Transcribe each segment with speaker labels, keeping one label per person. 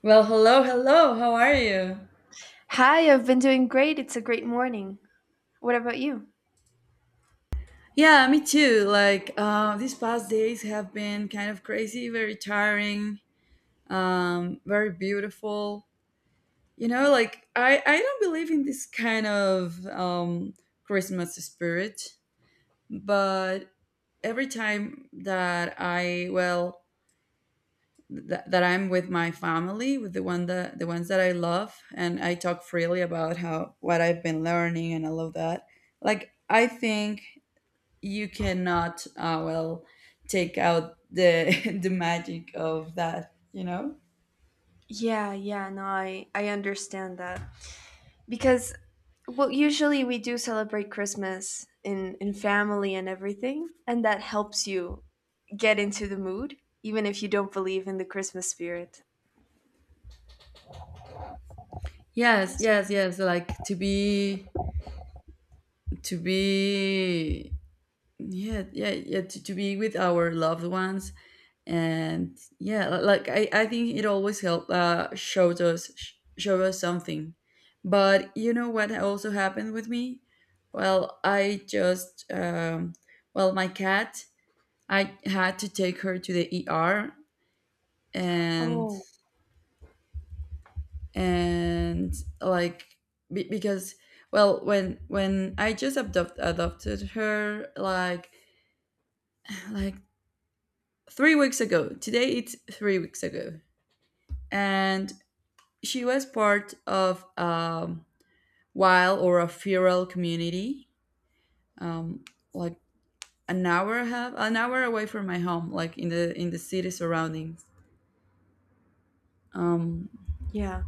Speaker 1: Well, hello, hello. How are you?
Speaker 2: Hi, I've been doing great. It's a great morning. What about you?
Speaker 1: Yeah, me too. These past days have been kind of crazy, very tiring, very beautiful. I don't believe in this kind of Christmas spirit, but every time that that I'm with my family, with the ones that I love, and I talk freely about how what I've been learning and all of that. Like, I think you cannot take out the the magic of that.
Speaker 2: Yeah, yeah, no, I understand that. Because, well, usually we do celebrate Christmas in family and everything, and that helps you get into the mood, even if you don't believe in the Christmas spirit.
Speaker 1: Yes,
Speaker 2: So,
Speaker 1: yes, yes. Like to be, yeah, yeah, yeah. To be with our loved ones, and yeah, I think it always help. Show us something. But you know what also happened with me? Well, my cat. I had to take her to the ER and
Speaker 2: oh,
Speaker 1: and like because well when adopted her like like 3 weeks ago. Today it's 3 weeks ago. And she was part of wild or a feral community, um like an hour and a half, an hour away from my home, like in the city surroundings. Um
Speaker 2: yeah.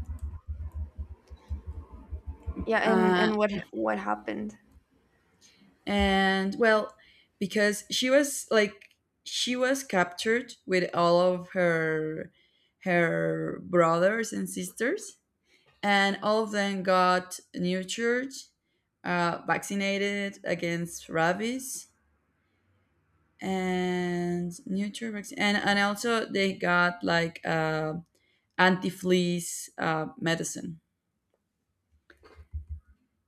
Speaker 2: Yeah, and,
Speaker 1: uh,
Speaker 2: and what happened?
Speaker 1: and Well, because she was like, she was captured with all of her brothers and sisters, and all of them got nurtured, vaccinated against rabies and nurtured vaccine, and also they got like anti-fleas medicine.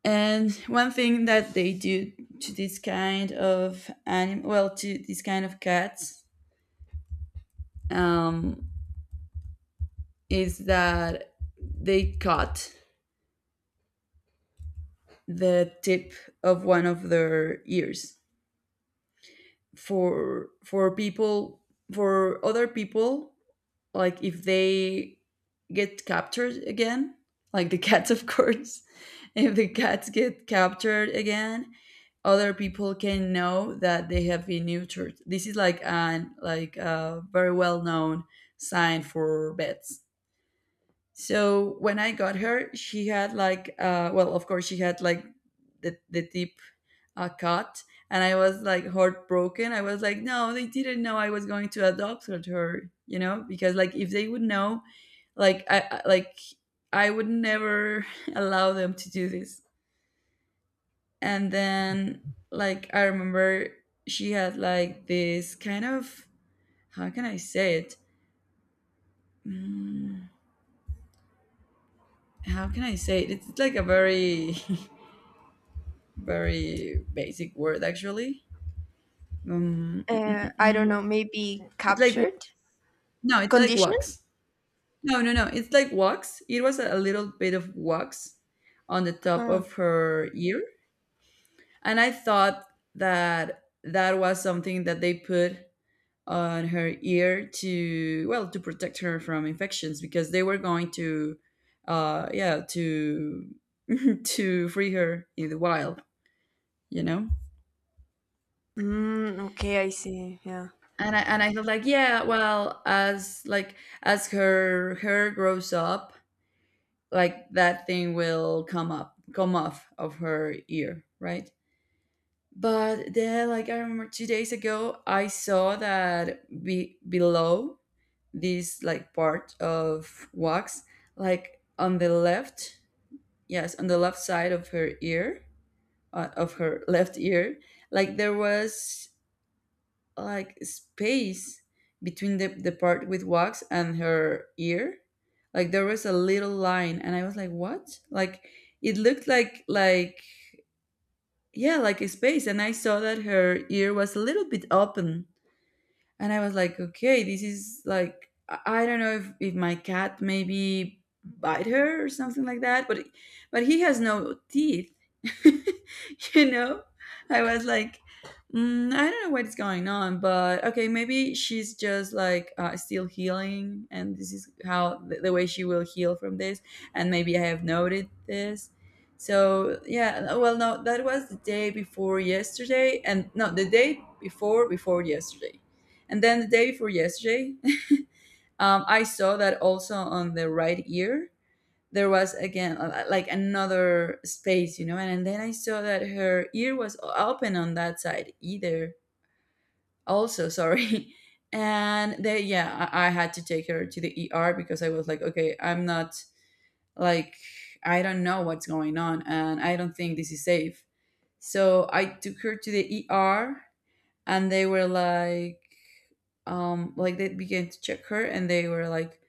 Speaker 1: And one thing that they do to this kind of cats, um, is that they cut the tip of one of their ears, for for people for other people, like if they get captured again, like the cats, of course. If the cats get captured again, other people can know that they have been neutered. This is like an like a very well known sign for vets. So when I got her, she had like, of course, she had like the tip cut. And I was like, heartbroken. I was like, no, they didn't know I was going to adopt her, you know, because like if they would know, like I would never allow them to do this. And then, like I remember, she had like this kind of, how can I say it? Mm, how can I say it? It's like a very very basic word, actually. Um, mm, mm, mm,
Speaker 2: I don't
Speaker 1: mm.
Speaker 2: know, maybe
Speaker 1: It's like
Speaker 2: captured?
Speaker 1: no, it's like
Speaker 2: Condition?
Speaker 1: wax. No, no, no. It's like wax. It was a little bit of wax on the top of
Speaker 2: Huh.
Speaker 1: her ear, and I thought that that was something that they put on her ear to, well, to protect her from infections because they were going to uh yeah to to free her in the wild you know
Speaker 2: Mm, okay, I see. Yeah.
Speaker 1: and I felt like, yeah, well, as like as her hair grows up, like that thing will come up, come off of her ear, right? But then, like I remember 2 days ago, I saw that below this like part of wax, like on the left, yes, on the left side of her ear, of her left ear, like there was like space between the part with wax and her ear. Like there was a little line, and I was like, what? Like, it looked like yeah, like a space, and I saw that her ear was a little bit open. And I was like, okay, this is like, I don't know if my cat maybe bite her or something like that, but he has no teeth. You know, I was like, mm, I don't know what's going on, but okay, maybe she's just like still healing, and this is how the way she will heal from this. And maybe I have noted this. So yeah, well no that was the day before yesterday. And no the day before before yesterday, and then the day before yesterday, I saw that also on the right ear there was again another space, you know. And then I saw that her ear was open on that side either. Also, sorry. And they, yeah, I had to take her to the ER because I was like, okay, I'm not, like, I don't know what's going on, and I don't think this is safe. So I took her to the ER, and they were like they began to check her, and they were like,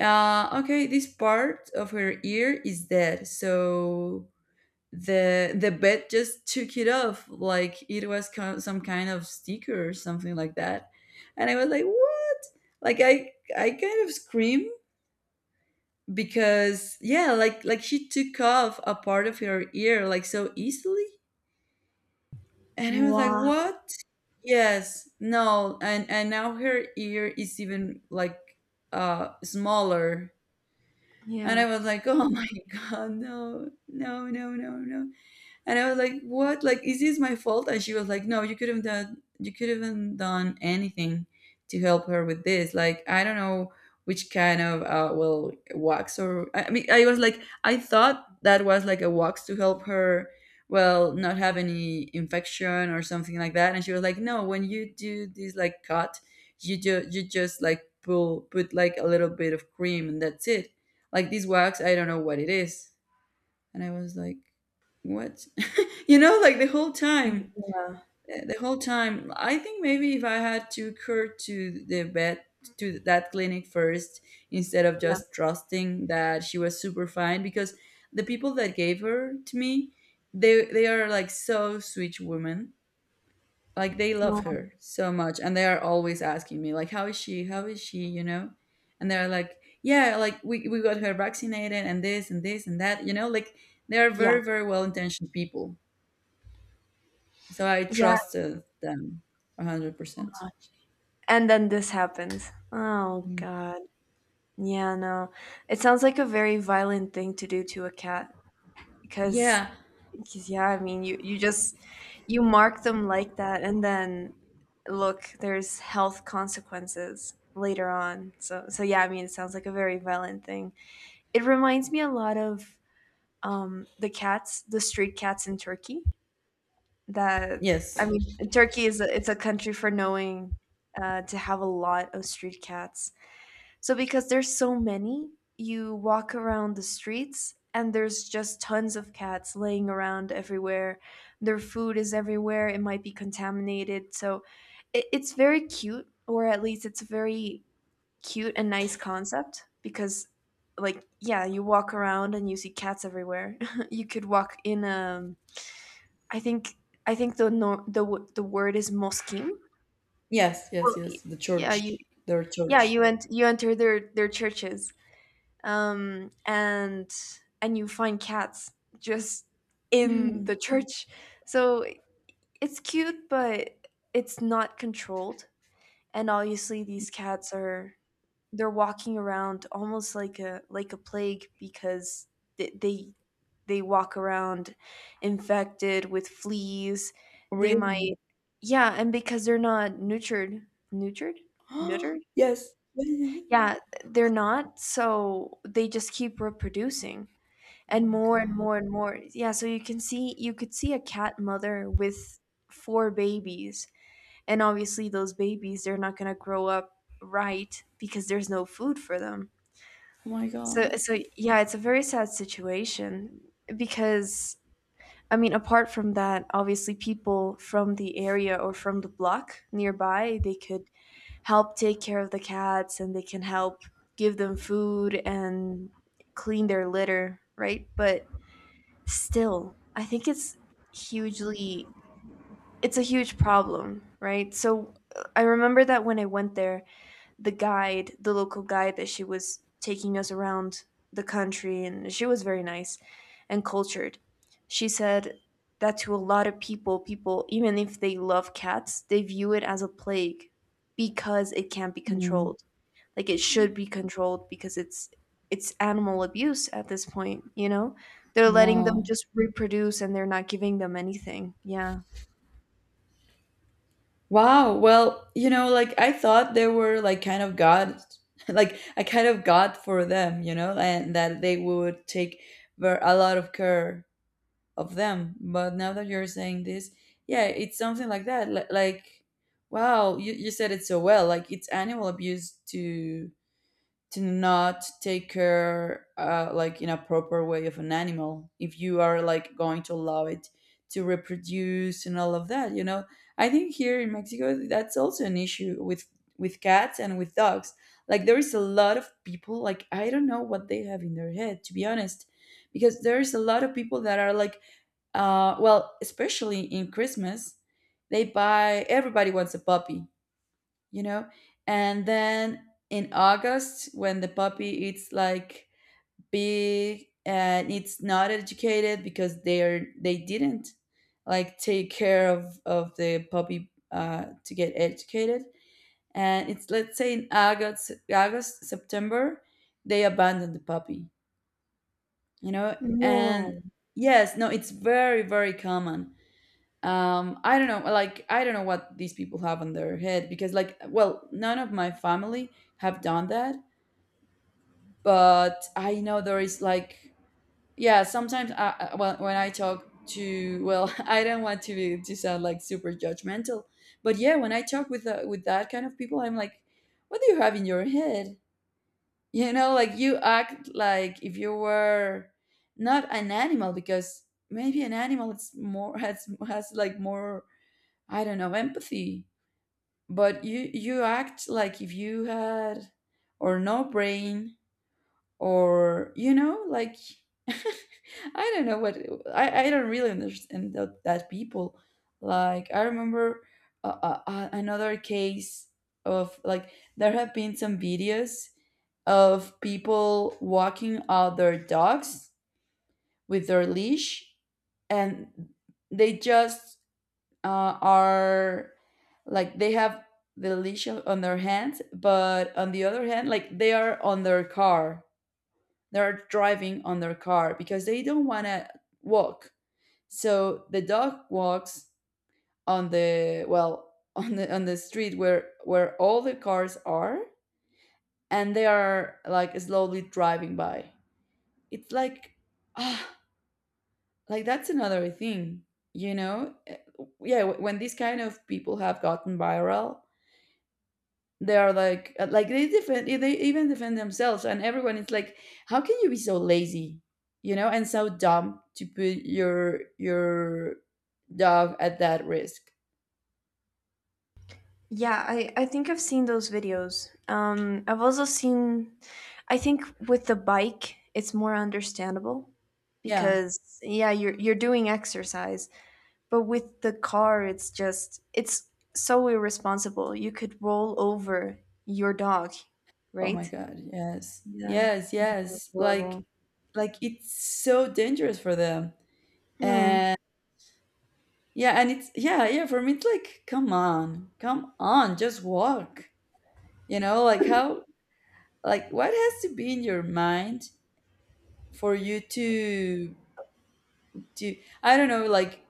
Speaker 1: Okay, this part of her ear is dead, so the vet just took it off like it was some kind of sticker or something like that. And I was like, "What?" Like I kind of scream because yeah, like she took off a part of her ear like so easily. And I was like,
Speaker 2: Wow.
Speaker 1: "What?" Yes, no, and now her ear is even like smaller. And I
Speaker 2: Yeah.
Speaker 1: was like, oh my God, no, no, no, no, no. And I was like, "What? Like, is this my fault?" And she was like, "No, you could have done. You could have done anything to help her with this. Like, I don't know which kind of wax, or I mean, I was like, I thought that was like a wax to help her, well, not have any infection or something like that. And she was like, "No, when you do this like cut, you just like pull put like a little bit of cream, and that's it. Like this wax, I don't know what it is." And I was like, "What?" You know, like the whole
Speaker 2: Yeah,
Speaker 1: time, the whole time. I think maybe if I had to occur to the vet, to that clinic first, instead of
Speaker 2: yeah.
Speaker 1: just trusting that she was super fine, because the people that gave her to me, they are like so sweet women. Like they love
Speaker 2: Wow.
Speaker 1: her so much, and they are always asking me like, "How is she? How is she?" You know, and they're like, "Yeah, like we got her vaccinated, and this and this and that." You know, like they are
Speaker 2: Yeah.
Speaker 1: very very well intentioned people. So I
Speaker 2: Yeah.
Speaker 1: trusted them 100%.
Speaker 2: And then this happens. Oh
Speaker 1: Mm.
Speaker 2: God. Yeah, no. It sounds like a very violent thing to do to a cat because,
Speaker 1: Yeah.
Speaker 2: yeah, I mean, you mark them like that and then look, there's health consequences later on. So yeah, I mean, it sounds like a very violent thing. It reminds me a lot of the cats, the street cats in Turkey. That
Speaker 1: Yes.
Speaker 2: I mean, Turkey it's a country for knowing to have a lot of street cats. So because there's so many, you walk around the streets and there's just tons of cats laying around everywhere. Their food is everywhere. It might be contaminated. So it's very cute, or at least it's a very cute and nice concept because like yeah, you walk around and you see cats everywhere. You could walk in a I think I think the no, the w- the word is moskim.
Speaker 1: Yes, yes,
Speaker 2: Well,
Speaker 1: yes. The
Speaker 2: yeah, you
Speaker 1: church. Their
Speaker 2: yeah,
Speaker 1: church.
Speaker 2: you enter their churches, and you find cats just in the
Speaker 1: Mhm.
Speaker 2: church. So it's cute, but it's not controlled. And obviously, these cats are they're walking around almost like a plague because they they, they walk around infected with fleas. They
Speaker 1: Really?
Speaker 2: might Yeah, and because they're not nurtured, nurtured, neutered.
Speaker 1: Yes. Yeah, yeah, yeah.
Speaker 2: Yeah, they're not, so they just keep reproducing
Speaker 1: Oh
Speaker 2: and
Speaker 1: my
Speaker 2: more and
Speaker 1: god.
Speaker 2: more and more. Yeah, so you could see a cat mother with four babies, and obviously those babies, they're not going to grow up right because there's no food for them.
Speaker 1: Oh my
Speaker 2: So
Speaker 1: god.
Speaker 2: so yeah, it's a very sad situation because I mean, apart from that, obviously people from the area or from the block nearby, they could help take care of the cats and they can help give them food and clean their litter, right? But still, I think hugely it's a huge problem, right? So I remember that when I went there, the local guide that she was taking us around the country, and she was very nice and cultured. She said that to a lot of people, even if they love cats, they view it as a plague because it can't be
Speaker 1: Mm.
Speaker 2: controlled. Like it should be controlled because it's animal abuse at this point, you know? They're letting them
Speaker 1: Wow.
Speaker 2: just reproduce and they're not giving them anything. Yeah.
Speaker 1: Wow. Well, you know, like I thought they were like kind of God, like a kind of God for them, you know, and that they would take a lot of care of them. But now that you're saying this, yeah, it's something like that. Like, wow, you said it so well. Like, it's animal abuse to not take care, like in a proper way, of an animal. If you are like going to allow it to reproduce and all of that, you know, I think here in Mexico that's also an issue with cats and with dogs. Like, there is a lot of people. Like, I don't know what they have in their head, to be honest, because there is a lot of people that are like especially in Christmas, they buy, everybody wants a puppy, you know? And then in August, when the puppy it's like big, and it's not educated because they didn't like take care of, the puppy to get educated. And it's, let's say in August, August, September, they abandon the puppy, you know? And
Speaker 2: No.
Speaker 1: yes, no, it's very, very common. I don't know, like I don't know what these people have on their head, because like, well, none of my family have done that. But I know there is like, yeah, sometimes when I talk to, well, I don't want to be to sound like super judgmental. But yeah, when I talk with that kind of people, I'm like, what do you have in your head? You know, like you act like if you were not an animal, because maybe an animal it's more has like more, I don't know, empathy. But you act like if you had, or no brain, or you know, like I don't know what I don't really understand that people. Like I remember another case of, like there have been some videos of people walking out their dogs with their leash, and they just are like they have the leash on their hands, but on the other hand, like they are on their car. They're driving on their car because they don't want to walk. So the dog walks on the, well, on the street where all the cars are, and they are like slowly driving by. It's like ah like that's another thing, you know? Yeah, when these kind of people have gotten viral, they are like they defend they even defend themselves, and everyone is like, how can you be so lazy, you know, and so dumb to put your dog at that risk?
Speaker 2: Yeah, I think I've seen those videos. I've also seen, I think with the bike, it's more understandable
Speaker 1: Yeah.
Speaker 2: because yeah, you're doing exercise, but with the car, it's so irresponsible. You could roll over your dog,
Speaker 1: Oh my
Speaker 2: right?
Speaker 1: god, yes,
Speaker 2: Yeah,
Speaker 1: yes,
Speaker 2: that's
Speaker 1: yes. Like
Speaker 2: horrible.
Speaker 1: it's so dangerous for them.
Speaker 2: Hmm.
Speaker 1: And yeah, and it's yeah, yeah, for me it's like, come on, come on, just walk, you know? Like how, like what has to be in your mind for you to do? I don't know, like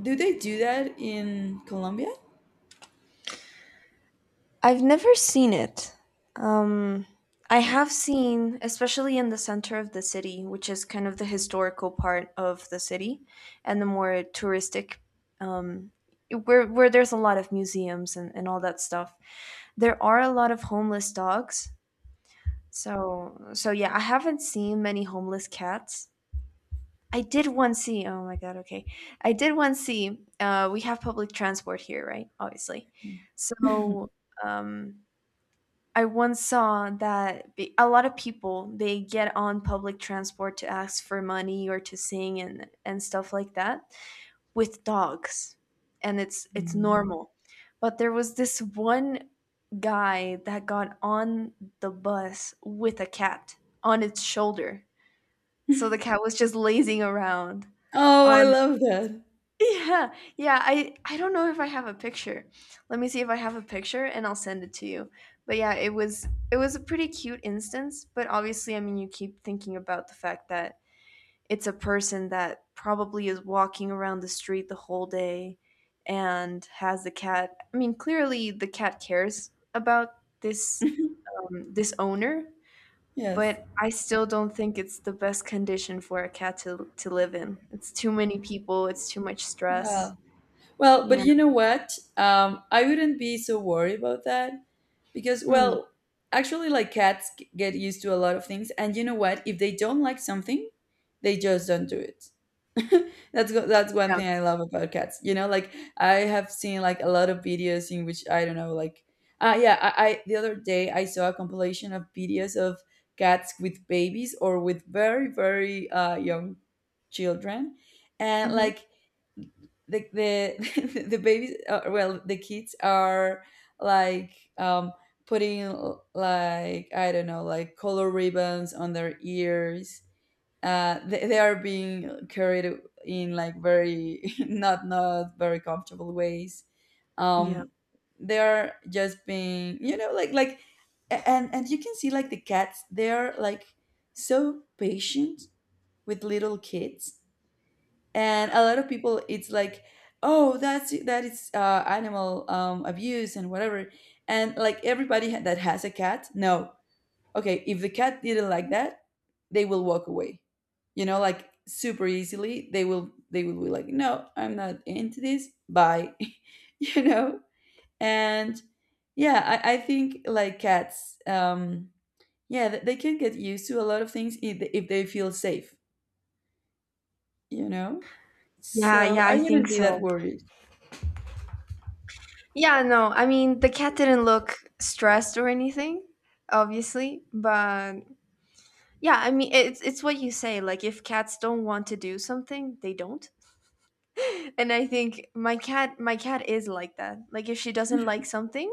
Speaker 1: do they do that in Colombia?
Speaker 2: I've never seen it. Um, I
Speaker 1: Yeah.
Speaker 2: have seen, especially in the center of the city, which is kind of the historical part of the city, and the more touristic, um, where there's a lot of museums and all that stuff. There are a lot of homeless dogs. So yeah, I haven't seen many homeless cats. I did once see. Oh my god. Okay, I did once see. We have public transport here, right? Obviously, so. Um, I once saw that a lot of people, they get on public transport to ask for money or to sing and stuff like that with dogs, and it's
Speaker 1: Mm.
Speaker 2: normal. But there was this one guy that got on the bus with a cat on its shoulder, so the cat was just lazing around
Speaker 1: Oh, I
Speaker 2: on
Speaker 1: love that.
Speaker 2: yeah, yeah. I don't know if I have a picture. Let me see if I have a picture and I'll send it to you. But yeah, it was a pretty cute instance, but obviously, I mean, you keep thinking about the fact that it's a person that probably is walking around the street the whole day and has the cat. I mean, clearly the cat cares about this owner,
Speaker 1: yes.
Speaker 2: but I still don't think it's the best condition for a cat to live in. It's too many people, it's too much stress.
Speaker 1: Wow. Well, but
Speaker 2: Yeah.
Speaker 1: you know what? I wouldn't be so worried about that because,
Speaker 2: Mm,
Speaker 1: well, actually, like cats get used to a lot of things, and you know what? If they don't like something, they just don't do it. that's that's one
Speaker 2: yeah,
Speaker 1: thing I love about cats. You know, like I have seen like a lot of videos in which I don't know, like yeah, I the other day I saw a compilation of videos of cats with babies or with very, very young children. And
Speaker 2: mhm.
Speaker 1: like the the babies, well, the kids are like, putting like I don't know, like color ribbons on their ears. They are being carried in like very, not, not very comfortable ways.
Speaker 2: Yeah.
Speaker 1: um they are just being, you know, like and you can see like the cats, they're like so patient with little kids. And a lot of people, it's like, oh that's, that is animal abuse and whatever. And like everybody that has a cat, no, okay, if the cat didn't like that, they will walk away. You know, like super easily, they will be like, no, I'm not into this, bye. you know. And yeah, I think like cats, yeah, they can get used to a lot of things if they feel safe, you know.
Speaker 2: Yeah,
Speaker 1: So
Speaker 2: yeah,
Speaker 1: I
Speaker 2: I think
Speaker 1: wouldn't be that
Speaker 2: so.
Speaker 1: worried.
Speaker 2: Yeah, no, I mean, the cat didn't look stressed or anything, obviously, but yeah, I mean, it's what you say, like if cats don't want to do something, they don't. And I think my cat is like that. Like if she doesn't like something,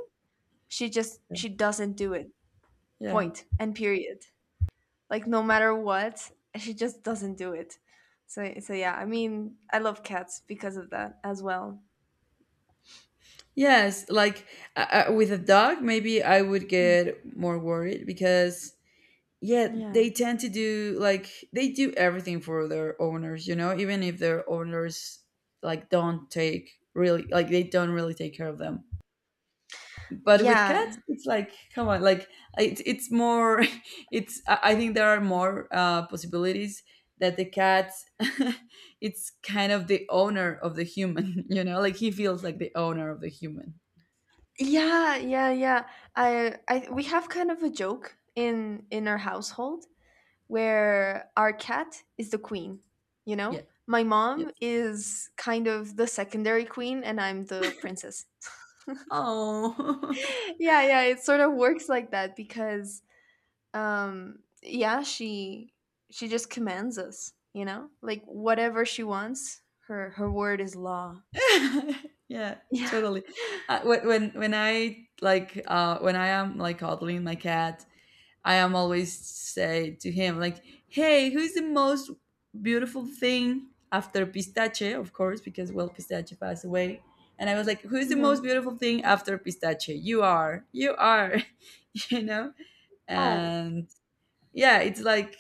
Speaker 2: she doesn't do it.
Speaker 1: Yeah.
Speaker 2: Point and period. Like no matter what, she just doesn't do it. So yeah, I mean, I love cats because of that as well.
Speaker 1: Yes, like, with a dog, maybe I would get more worried because yeah,
Speaker 2: Yeah.
Speaker 1: they tend to do like they do everything for their owners, you know, even if their owners like don't take, really, like they don't really take care of them. But with cats,
Speaker 2: Yeah.
Speaker 1: it's like, come on, like it's more, it's, I think there are more possibilities that the cat it's kind of the owner of the human, you know, like he feels like the owner of the human.
Speaker 2: Yeah, yeah, yeah. I we have kind of a joke in our household where our cat is the queen, you know?
Speaker 1: Yeah.
Speaker 2: My
Speaker 1: Yes.
Speaker 2: mom is kind of the secondary queen and I'm the princess.
Speaker 1: Oh.
Speaker 2: Yeah, yeah, it sort of works like that because yeah, she just commands us, you know? Like whatever she wants, her word is law.
Speaker 1: Yeah,
Speaker 2: Yeah.
Speaker 1: totally. When I like, when I am like cuddling my cat, I am always say to him like, "Hey, who's the most beautiful thing after Pistache?" Of course, because well, Pistache passed away, and I was like, "Who's the most
Speaker 2: Hmm.
Speaker 1: beautiful thing after Pistache? You are, you are." you know.
Speaker 2: Oh,
Speaker 1: And yeah, it's like